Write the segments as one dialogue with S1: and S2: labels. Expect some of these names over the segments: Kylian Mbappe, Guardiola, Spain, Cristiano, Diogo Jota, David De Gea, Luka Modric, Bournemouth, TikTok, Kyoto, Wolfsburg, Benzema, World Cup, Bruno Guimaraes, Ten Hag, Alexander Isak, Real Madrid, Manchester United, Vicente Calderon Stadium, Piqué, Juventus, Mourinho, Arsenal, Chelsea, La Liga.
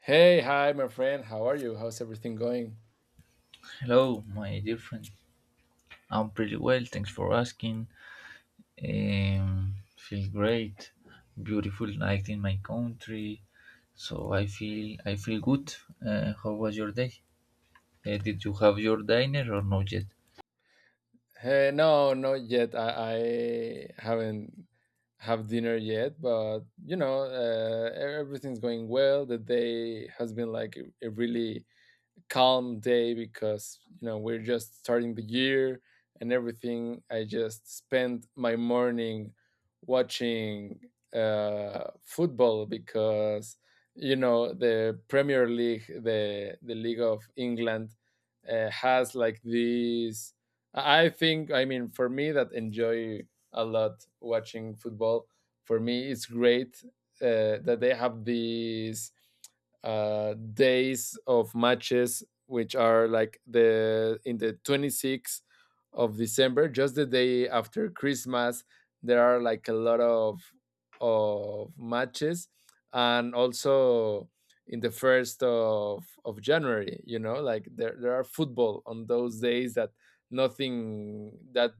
S1: Hey, hi, my friend. How are you? How's everything going?
S2: Hello, my dear friend. I'm pretty well, thanks for asking. Feel great. Beautiful night in my country, so I feel good. How was your day? Did you have your dinner or not yet?
S1: Hey, no, not yet. I haven't have dinner yet, but everything's going well. The day has been like a really calm day because you know we're just starting the year, and everything. I just spend my morning watching football because you know the Premier League, the league of England has like these. I think, I mean, for me that enjoy a lot watching football, for me it's great. That they have these days of matches, which are like the in the 26th of December, just the day after Christmas. There are like a lot of matches, and also in the first of January. You know, like there are football on those days that nothing that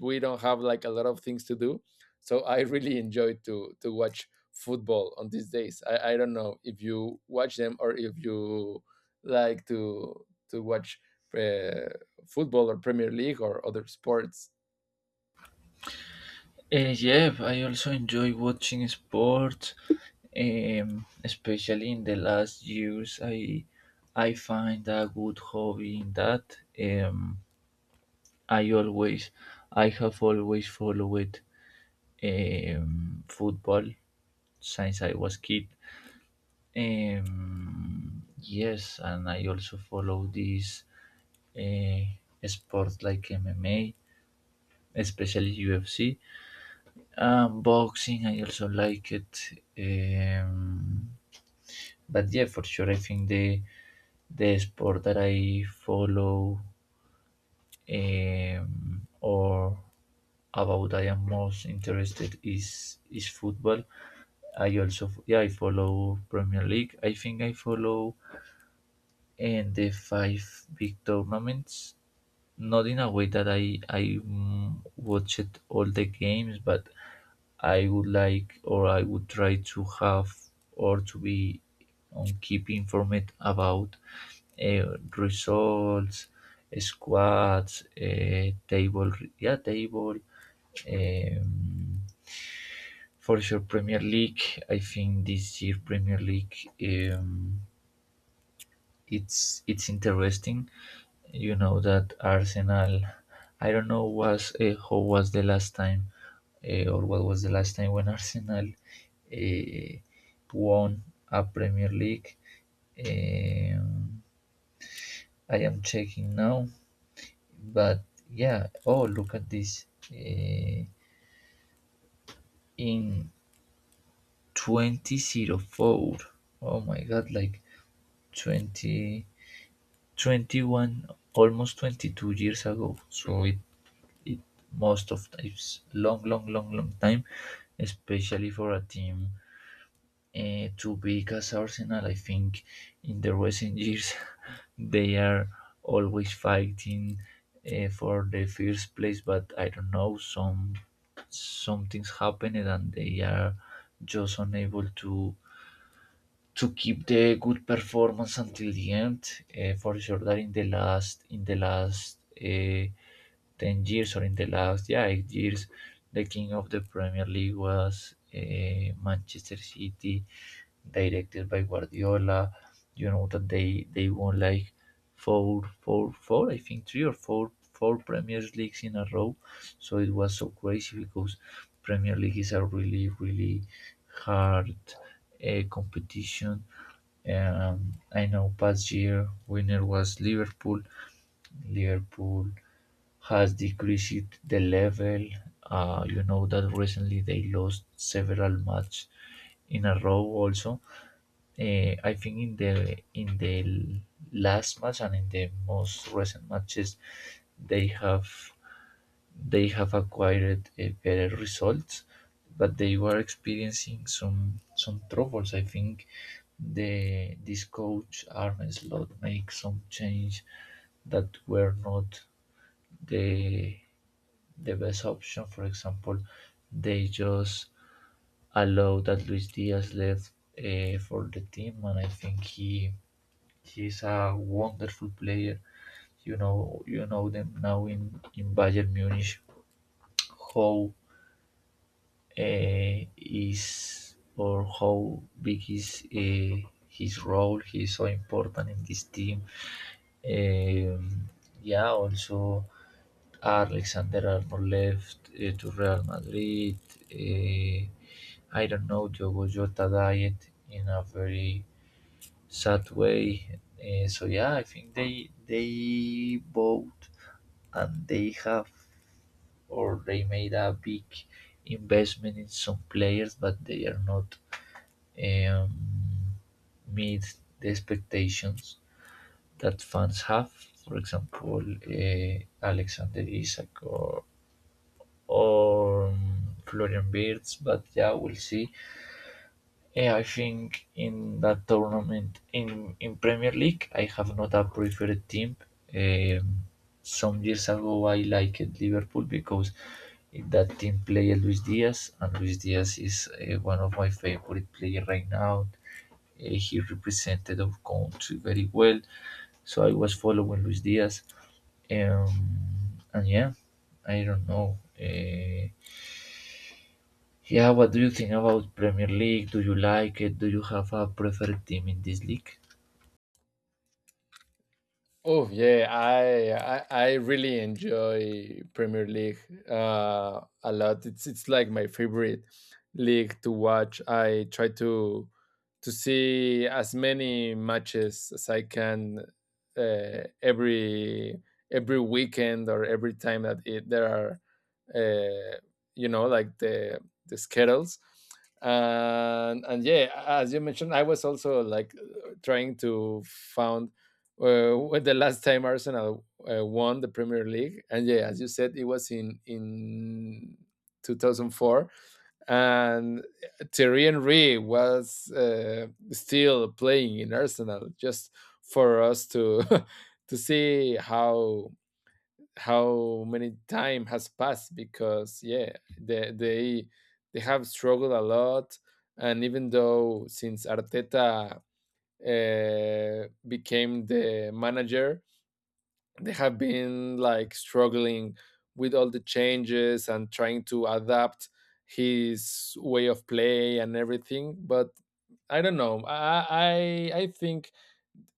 S1: we don't have like a lot of things to do. So I really enjoy to watch football on these days. I don't know if you watch them or if you like to watch uh, football or Premier League or other sports.
S2: Yeah, I also enjoy watching sports. Especially in the last years, I find a good hobby in that. I always I have always followed football since I was kid. Yes, and I also follow these uh, sports like MMA, especially UFC, boxing. I also like it. Um, but yeah, for sure, I think the sport that I follow, or about I am most interested, is football. Yeah, I follow Premier League. I think I follow in the five big tournaments, not in a way that I watch it all the games, but I would like, or I would try, to have or to be on keep informed about uh, results, squads, table, yeah, table, um, for sure, Premier League. I think this year Premier League. Um, it's interesting. You know that Arsenal. I don't know was, how was the last time, or what was the last time when Arsenal uh, won a Premier League. Um, I am checking now, but yeah. Oh, look at this. In 2004. Oh my god, like 20, 21, almost 22 years ago. So it most of it's long, long, long, long time, especially for a team too big as Arsenal. I think in the recent years they are always fighting for the first place, but I don't know, some things happened and they are just unable to keep the good performance until the end. For sure that in the last 10 years, or in the last, yeah, 8 years, the king of the Premier League was, Manchester City, directed by Guardiola. You know that they won like four four four I think three or four four Premier Leagues in a row. So it was so crazy because Premier League is a really really hard competition. I know past year winner was Liverpool. Has decreased the level. You know that recently they lost several matches in a row. Also, I think in the last match and in the most recent matches they have they have acquired better results, but they were experiencing some troubles. I think the this coach Arne Slot make some change that were not the the best option. For example, they just allowed that Luis Diaz left for the team, and I think he's a wonderful player. You know them now in Bayern Munich. How is, or how big is his role. He's so important in this team. Um, yeah, also Alexander Arnold left to Real Madrid. Uh, I don't know, Diogo Jota died in a very sad way. So yeah, I think they both, and they have or they made a big investment in some players, but they are not um, meet the expectations that fans have. For example, Alexander Isak, or, or Florian Birds, but yeah, we'll see. Yeah, I think in that tournament, in Premier League, I have not a preferred team. Um, some years ago, I liked Liverpool because in that team played Luis Diaz, and Luis Diaz is one of my favorite players right now. He represented our country very well, so I was following Luis Diaz. Um, and yeah, I don't know. Yeah, what do you think about Premier League? Do you like it? Do you have a preferred team in this league?
S1: Oh yeah, I really enjoy Premier League a lot. It's like my favorite league to watch. I try to see as many matches as I can every weekend or every time that there are uh, you know, like the schedules. And yeah, as you mentioned, I was also like trying to found when the last time Arsenal won the Premier League. And yeah, as you said, it was in 2004, and Thierry Henry was still playing in Arsenal. Just for us to to see how many time has passed, because yeah, they they they have struggled a lot, and even though since Arteta became the manager, they have been like struggling with all the changes and trying to adapt his way of play and everything. But I don't know, I think,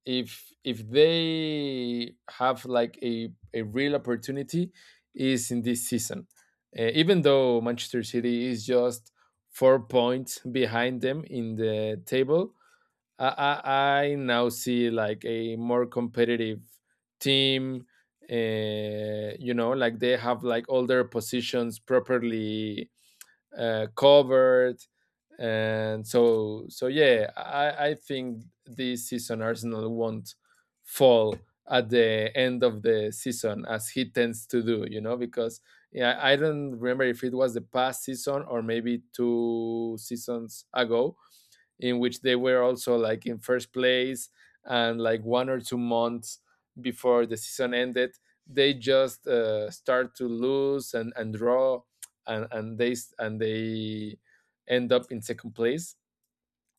S1: if they have like a real opportunity, is in this season. Even though Manchester City is just 4 points behind them in the table, I now see like a more competitive team. You know, like they have like all their positions properly covered. And so yeah, I think this season Arsenal won't fall at the end of the season as he tends to do. You know, because yeah, I don't remember if it was the past season or maybe two seasons ago, in which they were also like in first place, and like 1 or 2 months before the season ended, they just start to lose, and draw and they and they end up in second place.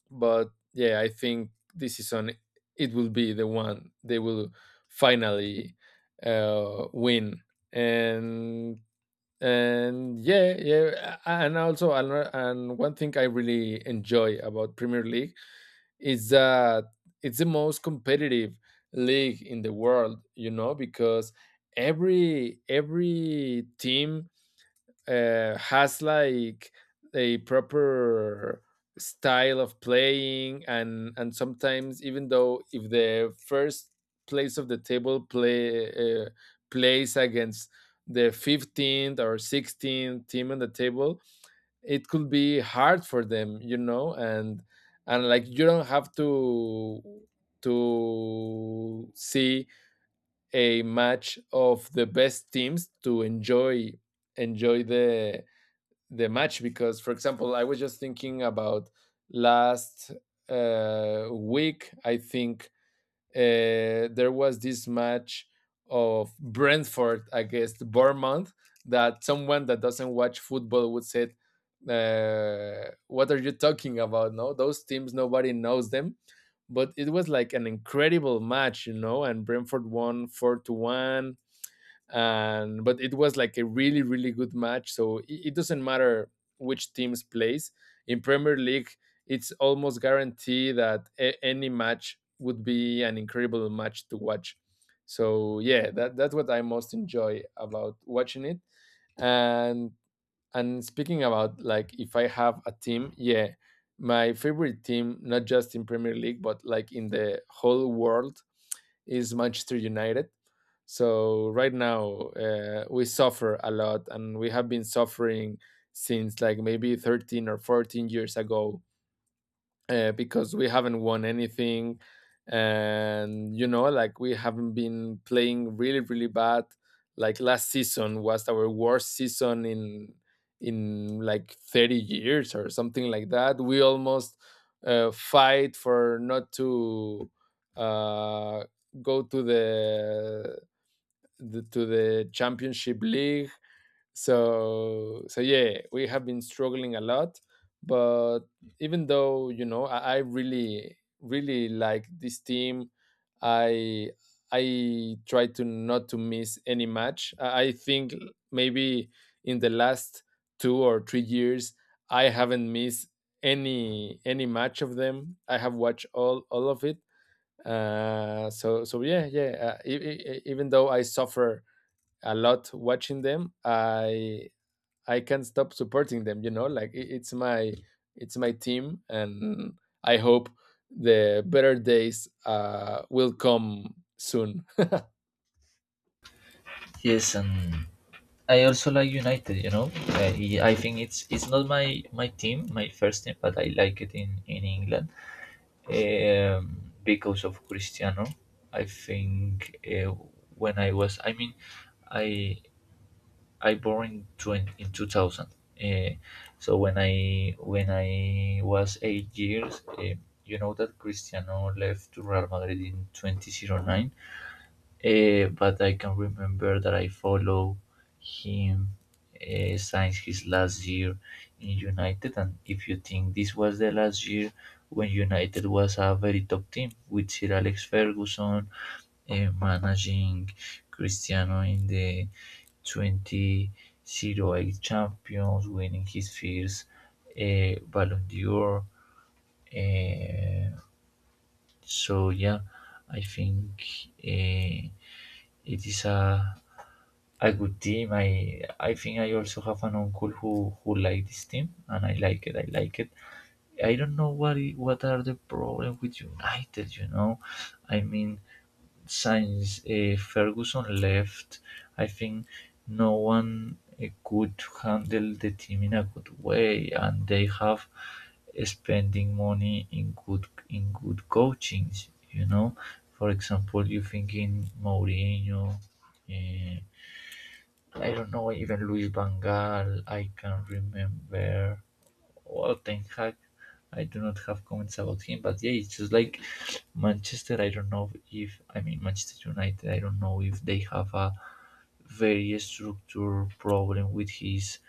S1: But yeah, I think this season it will be the one they will finally win. And and yeah, yeah. And also and one thing I really enjoy about Premier League is that it's the most competitive league in the world, you know, because every team has like a proper style of playing. And sometimes, even though if the first place of the table plays against the 15th or 16th team on the table, it could be hard for them, you know. And like you don't have to see a match of the best teams to enjoy the match. Because for example, I was just thinking about last week, I think there was this match of Brentford against Bournemouth, that someone that doesn't watch football would say, "What are you talking about? No, those teams, nobody knows them." But it was like an incredible match, and Brentford won four to one. And but it was like a really, really good match. So it doesn't matter which teams plays in Premier League, it's almost guaranteed that any match would be an incredible match to watch. So yeah, that's what I most enjoy about watching it. And and speaking about, like, if I have a team, yeah, my favorite team, not just in Premier League but like in the whole world, is Manchester United. So right now, we suffer a lot, and we have been suffering since like maybe 13 or 14 years ago, because we haven't won anything. And you know, like, we haven't been playing really, really bad. Like last season was our worst season in like 30 years or something like that. We almost fight for not to uh, go to the to the championship league. So so yeah, we have been struggling a lot. But even though, you know, I really, really like this team. I i try to not to miss any match. I think maybe in the last 2 or 3 years, I haven't missed any match of them. I have watched all of it. So yeah, yeah. Even though I suffer a lot watching them, I can't stop supporting them. You know, like it's my team, and I hope the better days will come soon.
S2: Yes, and I also like United. You know, I think it's not my team, my first team, but I like it in England, because of Cristiano. I think, when I was, I mean, I I born in 2000. Uh, so when I, when I was 8 years, you know that Cristiano left to Real Madrid in 2009. But I can remember that I follow him since his last year in United. And if you think, this was the last year when United was a very top team, with Sir Alex Ferguson managing Cristiano, in the 2008 champions, winning his first Ballon d'Or. Uh, so yeah, I think uh, it is a good team. I think I also have an uncle who liked this team, and I like it. I like it. I don't know what are the problem with United. You know, I mean, since, Ferguson left, I think no one could handle the team in a good way, and they have, spending money in good coachings. You know, for example, you think in Mourinho. Uh, I don't know, even Luis Van Gaal, I can remember. Well, Ten Hag, I do not have comments about him, but yeah, it's just like Manchester. I don't know. If I mean Manchester United, I don't know if they have a very structural problem with his,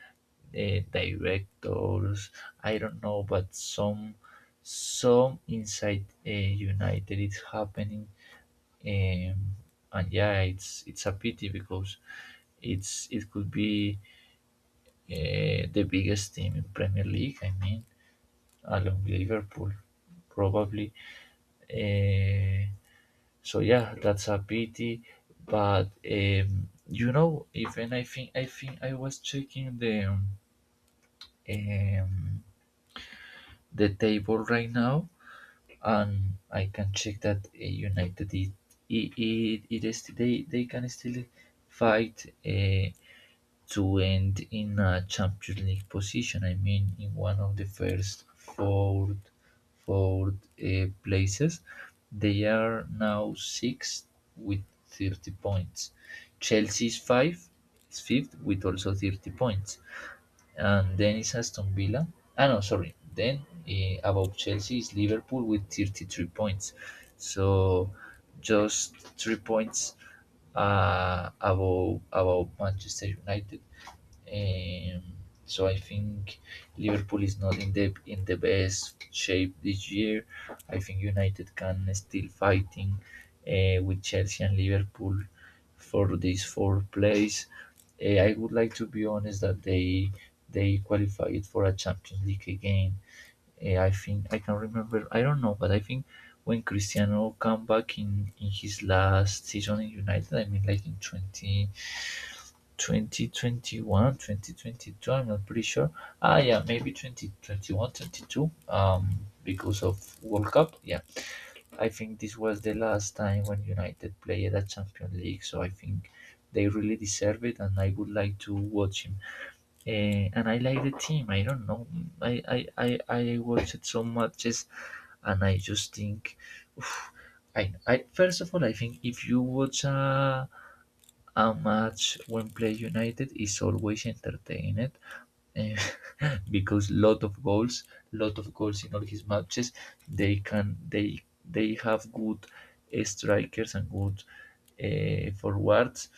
S2: directors. I don't know, but some inside United it's happening, um, and yeah, it's a pity because it could be, the biggest team in Premier League. I mean, along Liverpool, probably. Uh, so yeah, that's a pity. But, you know, even I think I was checking the, um, table right now, and I can check that, United it is, they can still fight. To end in a Champions League position. I mean, in one of the first four places. They are now sixth with 30 points. Chelsea is fifth with also 30 points. And then is Aston Villa. Ah, no, sorry. Then, above Chelsea is Liverpool with 33 points. So just 3 points above Manchester United. Um, so I think Liverpool is not in the best shape this year. I think United can still fighting with Chelsea and Liverpool for this fourth place. I would like, to be honest, that they qualified for a Champions League again. I think I can remember. I don't know, but I think when Cristiano come back in his last season in United, I mean like in twenty 2021, 2022, I'm not pretty sure. Ah, yeah, maybe 2021, 22, because of World Cup. Yeah, I think this was the last time when United played at Champions League, so I think they really deserve it, and I would like to watch him. And I like the team. I don't know. I I I, I watched some matches, and I just think. oof, I first of all, I think if you watch a match, when played United is always entertained, eh, because lot of goals in all his matches. They can they have good, strikers, and good, forwards.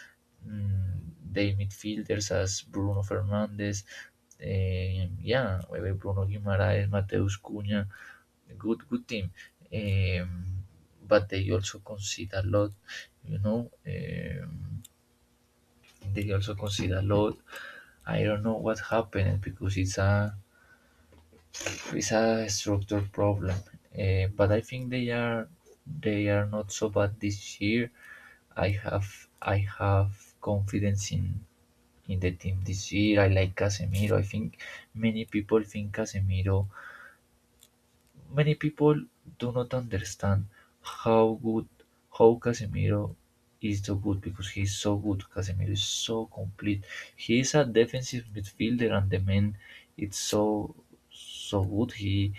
S2: They midfielders as Bruno Fernandes, yeah, Bruno Guimaraes, Mateus Cunha, good team. Um, but they also concede a lot, you know. They also consider load. I don't know what happened, because it's a structure problem. But I think they are not so bad this year. I have I have confidence in the team this year. I like Casemiro. I think many people think Casemiro Many people do not understand how good how Casemiro is so good, because he's so good. Casemiro is so complete. He is a defensive midfielder, and the man it's so good. He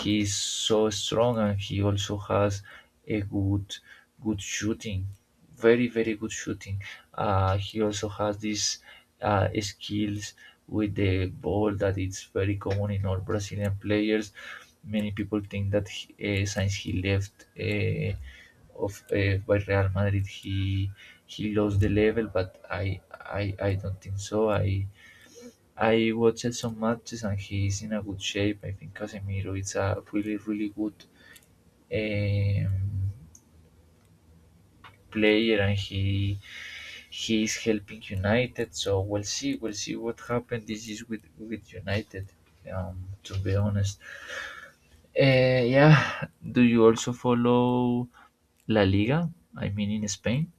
S2: he is so strong, and he also has a good shooting. Very very good shooting. He also has these skills with the ball, that it's very common in all Brazilian players. Many people think that he, since he left of by Real Madrid, he lost the level, but I don't think so. I watched some matches, and he's in a good shape. I think Casemiro is a really really good. Um, player, and he is helping United. So we'll see. We'll see what happens. This is with United. Um, to be honest, yeah. Do you also follow La Liga? I mean, in Spain.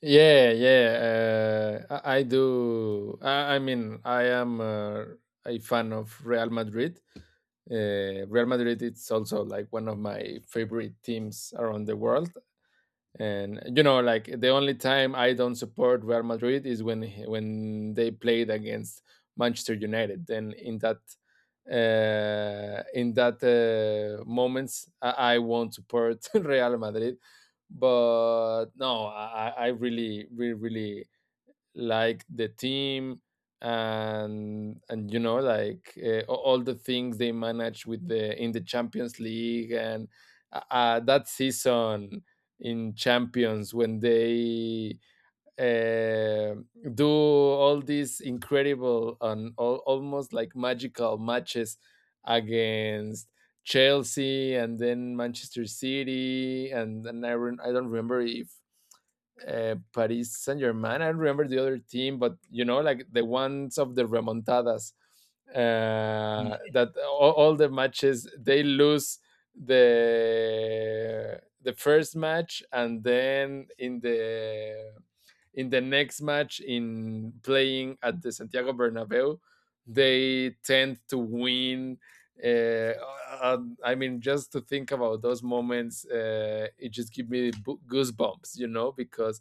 S1: Yeah, yeah. I do. I mean, I am a fan of Real Madrid. Real Madrid it's also like one of my favorite teams around the world. And you know, like, the only time I don't support Real Madrid is when they played against Manchester United. And in that moments, I won't support Real Madrid. But no, I really, really, really like the team. And you know, like, all the things they managed with the in the Champions League. And that season in Champions, when they uh, do all these incredible and almost like magical matches against Chelsea, and then Manchester City, and I, I don't remember if Paris Saint Germain. I don't remember the other team, but you know, like, the ones of the remontadas, that all the matches, they lose the first match, and then in the next match, in playing at the Santiago Bernabeu, they tend to win. uh, a, I mean, just to think about those moments, it just gives me goosebumps, you know, because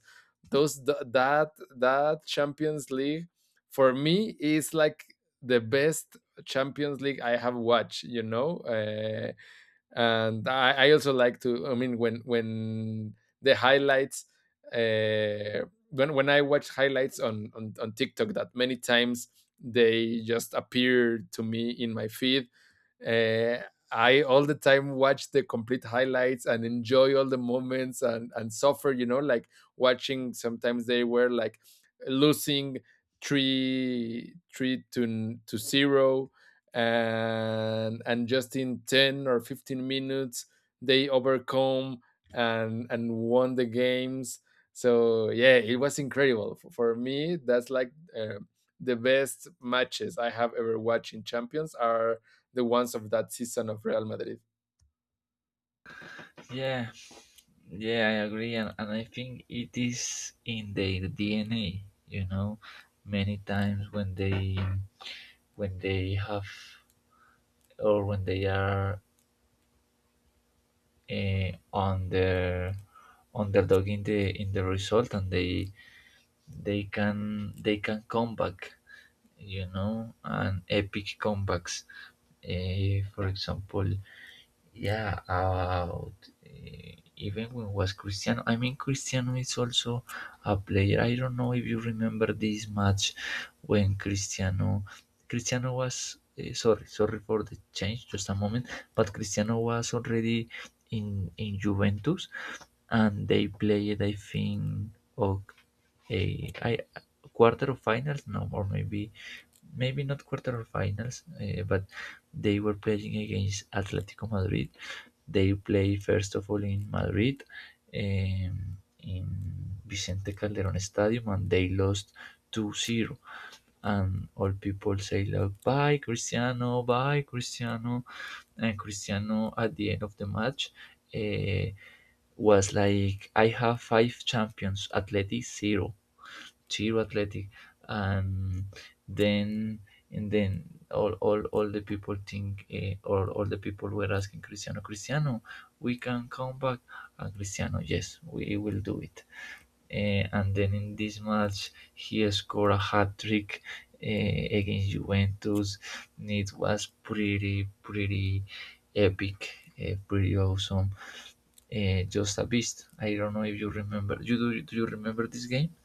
S1: those th- that that Champions League for me is like the best Champions League I have watched. And I also like to. I mean, when the highlights, when I watch highlights on TikTok, that many times they just appear to me in my feed. Uh, I all the time watch the complete highlights and enjoy all the moments and suffer. You know, like watching. Sometimes they were like losing three to zero, and just in 10 or 15 minutes they overcome and won the games. So yeah, it was incredible. For me, that's like the best matches I have ever watched in Champions are the ones of that season of Real Madrid.
S2: Yeah, yeah, I agree, and I think it is in their DNA. You know, many times when they have or when they are on the underdog in the result and they they can come back, you know, and epic comebacks. For example, yeah, about even when was Cristiano. I mean, Cristiano is also a player. I don't know if you remember this match, when Cristiano was sorry for the change, just a moment, but Cristiano was already in Juventus, and they played, I think, of a I quarter of finals, no, or maybe maybe not quarter of finals, but they were playing against Atletico Madrid. They play first of all in Madrid, in Vicente Calderon Stadium, and they lost 2-0. And all people say like, "Bye, Cristiano! Bye, Cristiano!" And Cristiano, at the end of the match, uh, was like, "I have five champions, Atleti zero. Chiro Athletic," and then all the people think or all the people were asking Cristiano, "Cristiano, we can come back," and Cristiano, "Yes, we will do it." Eh, and then in this match, he scored a hat trick, eh, against Juventus. It was pretty epic, eh, pretty awesome. Eh, just a beast. I don't know if you remember. You do? Do you remember this game?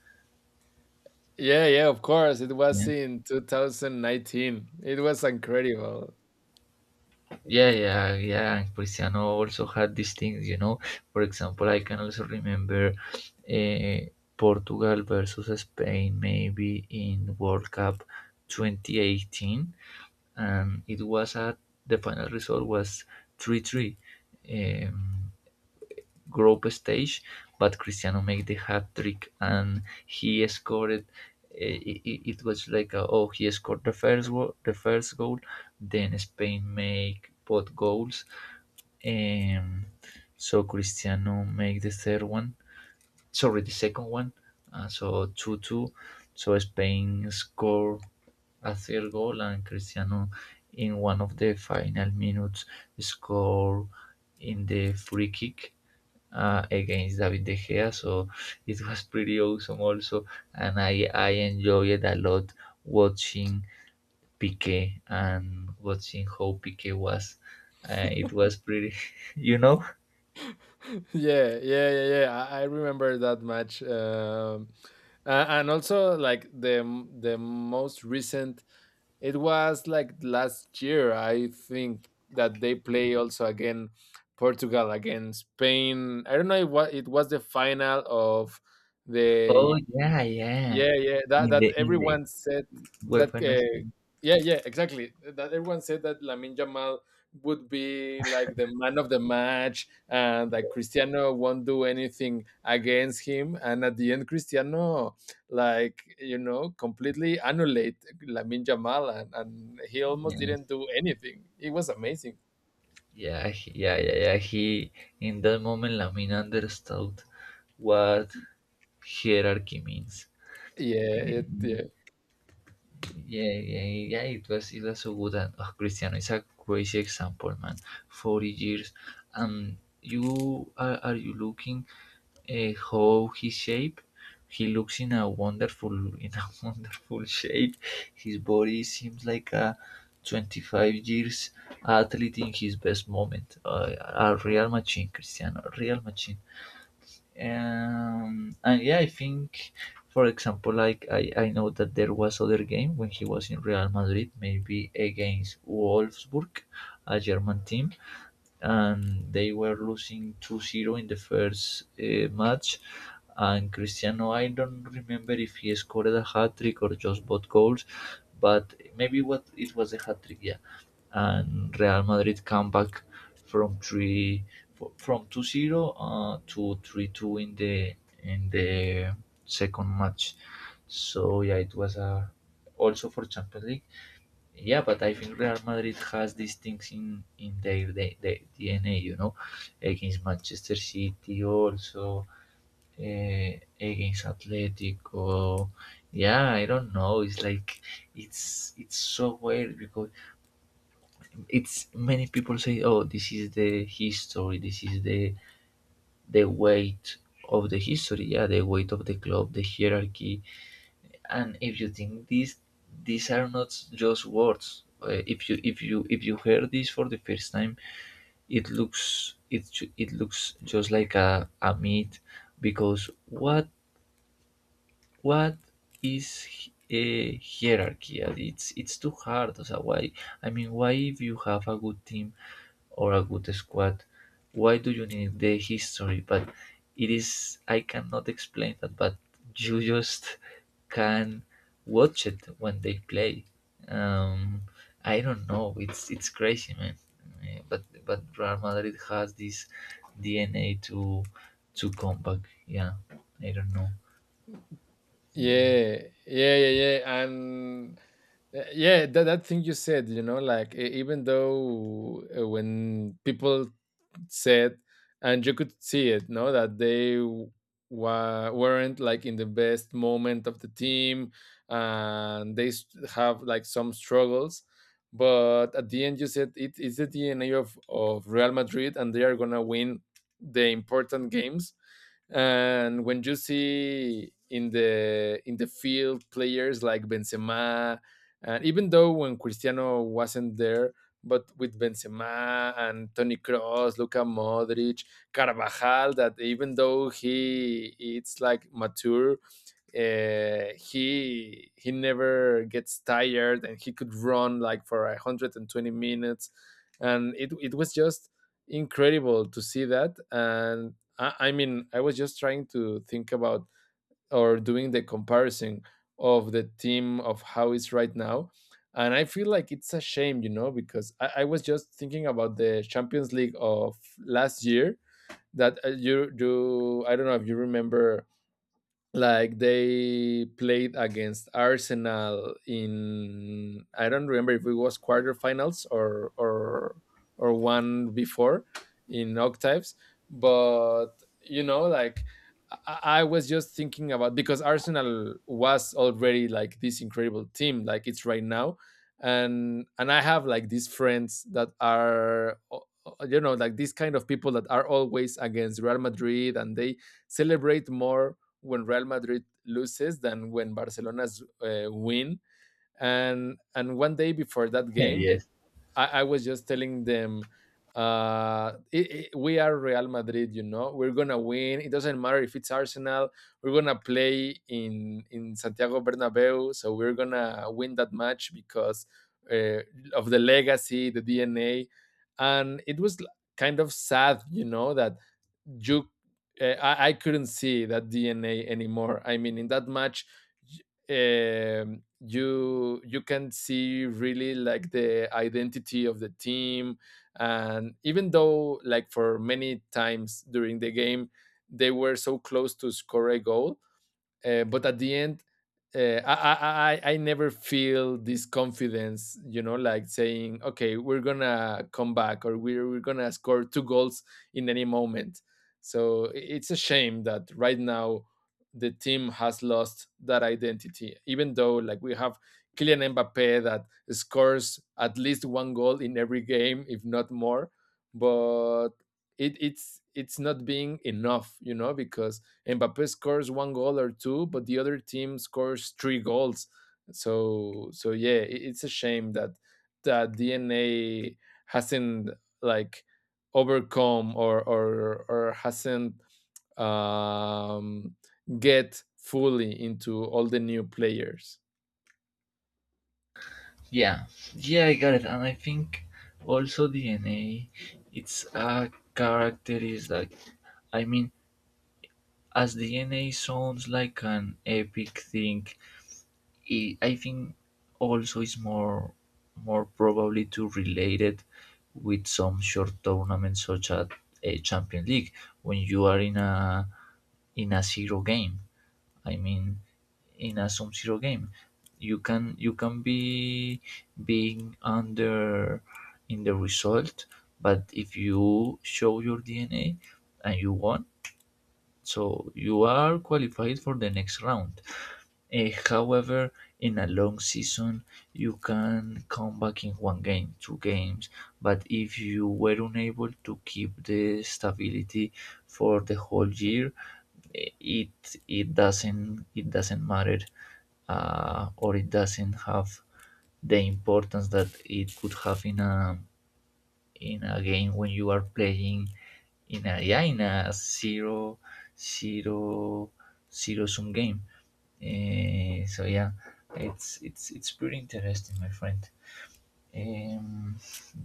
S1: Yeah, yeah, of course. It was
S2: Yeah.
S1: in 2019, it was incredible.
S2: Yeah, yeah, yeah. And Cristiano also had these things, you know. For example, I can also remember uh, Portugal versus Spain, maybe in World Cup 2018, and it was at the final result was three three. Um, group stage, but Cristiano made the hat trick and he scored. It was like a, oh, he scored the the first goal, then Spain make both goals. Um, so Cristiano make the third one, sorry, the second one. So two two, so Spain score a third goal and Cristiano, in one of the final minutes, score in the free kick against David De Gea. So it was pretty awesome also, and I enjoyed a lot watching Piqué and watching how Piqué was. It was pretty, you know.
S1: Yeah, yeah, yeah, yeah. I remember that match, and also like the most recent. It was like last year, I think, that they play also again Portugal against Spain. I don't know if what it was the final of
S2: Oh
S1: the.
S2: yeah, yeah.
S1: Yeah, yeah, that
S2: In the
S1: everyone said
S2: well,
S1: that, yeah, yeah, exactly, that everyone said that Lamin Jamal would be like the man of the match, and that Cristiano won't do anything against him. And at the end, Cristiano, like, completely annulate Lamin Jamal, and he
S2: yeah.
S1: almost didn't do anything. It was amazing.
S2: Yeah. He In that moment, Lamine understood what hierarchy means.
S1: Yeah,
S2: Eh,
S1: it, yeah.
S2: Yeah, yeah, yeah, it was so good. And oh, Cristiano is a crazy example, man. 40 years, and you are you looking how his shape? He looks in a wonderful, in a wonderful shape. His body seems like a 25 years athlete in his best moment. A real machine, Cristiano, a real machine. And yeah, I think, for example, like I know that there was other game when he was in Real Madrid, maybe against Wolfsburg, a German team, and they were losing 2-0 in the first match. And Cristiano, I don't remember if he scored a hat trick or just both goals, but maybe what it was a hat trick, yeah, and Real Madrid come back from three from 2-0 to 3-2 in the in the second match. So yeah, it was a also for Champions League. Yeah, but I think Real Madrid has these things in their DNA, you know, against Manchester City also. Uh, against Atletico, yeah, I don't know. It's like it's so weird because it's many people say, oh, this is the history, this is the weight of the history, yeah, the weight of the club, the hierarchy. And if you think, these are not just words. If you hear this for the first time, it looks it looks just like a myth. Because what what is a hierarchy. It's too hard. So why, I mean, why if you have a good team or a good squad. Why do you need the history? But it is, I cannot explain that, but you just can watch it when they play. Um, I don't know. It's crazy, man. But Real Madrid has this DNA to come back. Yeah, I don't know.
S1: Yeah, yeah, yeah, yeah. And yeah, that thing you said, you know, like, even though when people said, and you could see it, no, that they weren't like in the best moment of the team, and they have like some struggles. But at the end, you said it is the DNA of Real Madrid, and they are gonna win the important games. And when you see in the field, players like Benzema, and even though when Cristiano wasn't there, but with Benzema and Toni Kroos, Luka Modric, Carvajal, that even though he it's like mature, he never gets tired and he could run like for 120 minutes, and it was just incredible to see that. And I mean, I was just trying to think about, or doing the comparison of the team of how it's right now. And I feel like it's a shame, because I was just thinking about the Champions League of last year, that you do. I don't know if you remember, like, they played against Arsenal in, I don't remember if it was quarterfinals, or one before, in octaves. But you know, like, I was just thinking about, because Arsenal was already like this incredible team, like it's right now. And I have like these friends that are you know, like, these kind of people that are always against Real Madrid, and they celebrate more when Real Madrid loses than when Barcelona's win. And one day before that
S2: Yeah,
S1: game,
S2: yes.
S1: I was just telling them, we are Real Madrid. You know, we're gonna win. It doesn't matter if it's Arsenal. We're gonna play in Santiago Bernabeu, so we're gonna win that match, because uh, of the legacy, the DNA. And it was kind of sad, you know, that you I couldn't see that DNA anymore. I mean, in that match, you can see really like the identity of the team. And even though like for many times during the game, they were so close to score a goal, but at the end, uh, I never feel this confidence, you know, like saying, okay, we're gonna come back, or we're gonna score two goals in any moment. So it's a shame that right now the team has lost that identity, even though like we have Kylian Mbappe that scores at least one goal in every game, if not more. But it's not being enough, you know, because Mbappe scores one goal or two, but the other team scores three goals. So yeah, it's a shame that that DNA hasn't like overcome, or hasn't um, get fully into all the new players.
S2: Yeah. Yeah, I got it. And I think also DNA, it's a characteristic. I mean, as DNA sounds like an epic thing, I think also is more more probably to relate it with some short tournaments such as a Champions League, when you are in a zero game. I mean, in a sum zero game, you can be being under in the result, but if you show your DNA and you won, so you are qualified for the next round. Eh, however, in a long season, you can come back in one game, two games, but if you were unable to keep the stability for the whole year, eh, it it doesn't matter, or it doesn't have the importance that it could have in a game when you are playing in a, yeah, in a zero zero zero sum game. Eh, so yeah, it's pretty interesting, my friend. Um,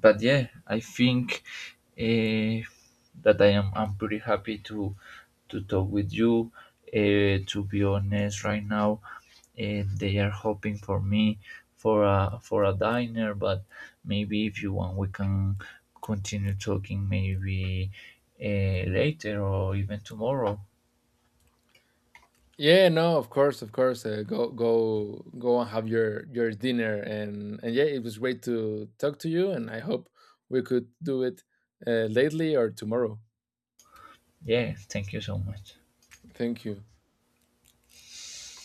S2: but yeah, I think uh, that I'm pretty happy to talk with you. To be honest, right now they are hoping for me for a diner, but maybe if you want, we can continue talking, maybe later or even tomorrow.
S1: Yeah, no, of course, of course. Go, go, go, and have your dinner. And yeah, it was great to talk to you, and I hope we could do it lately or tomorrow.
S2: Yeah, thank you so much.
S1: Thank you.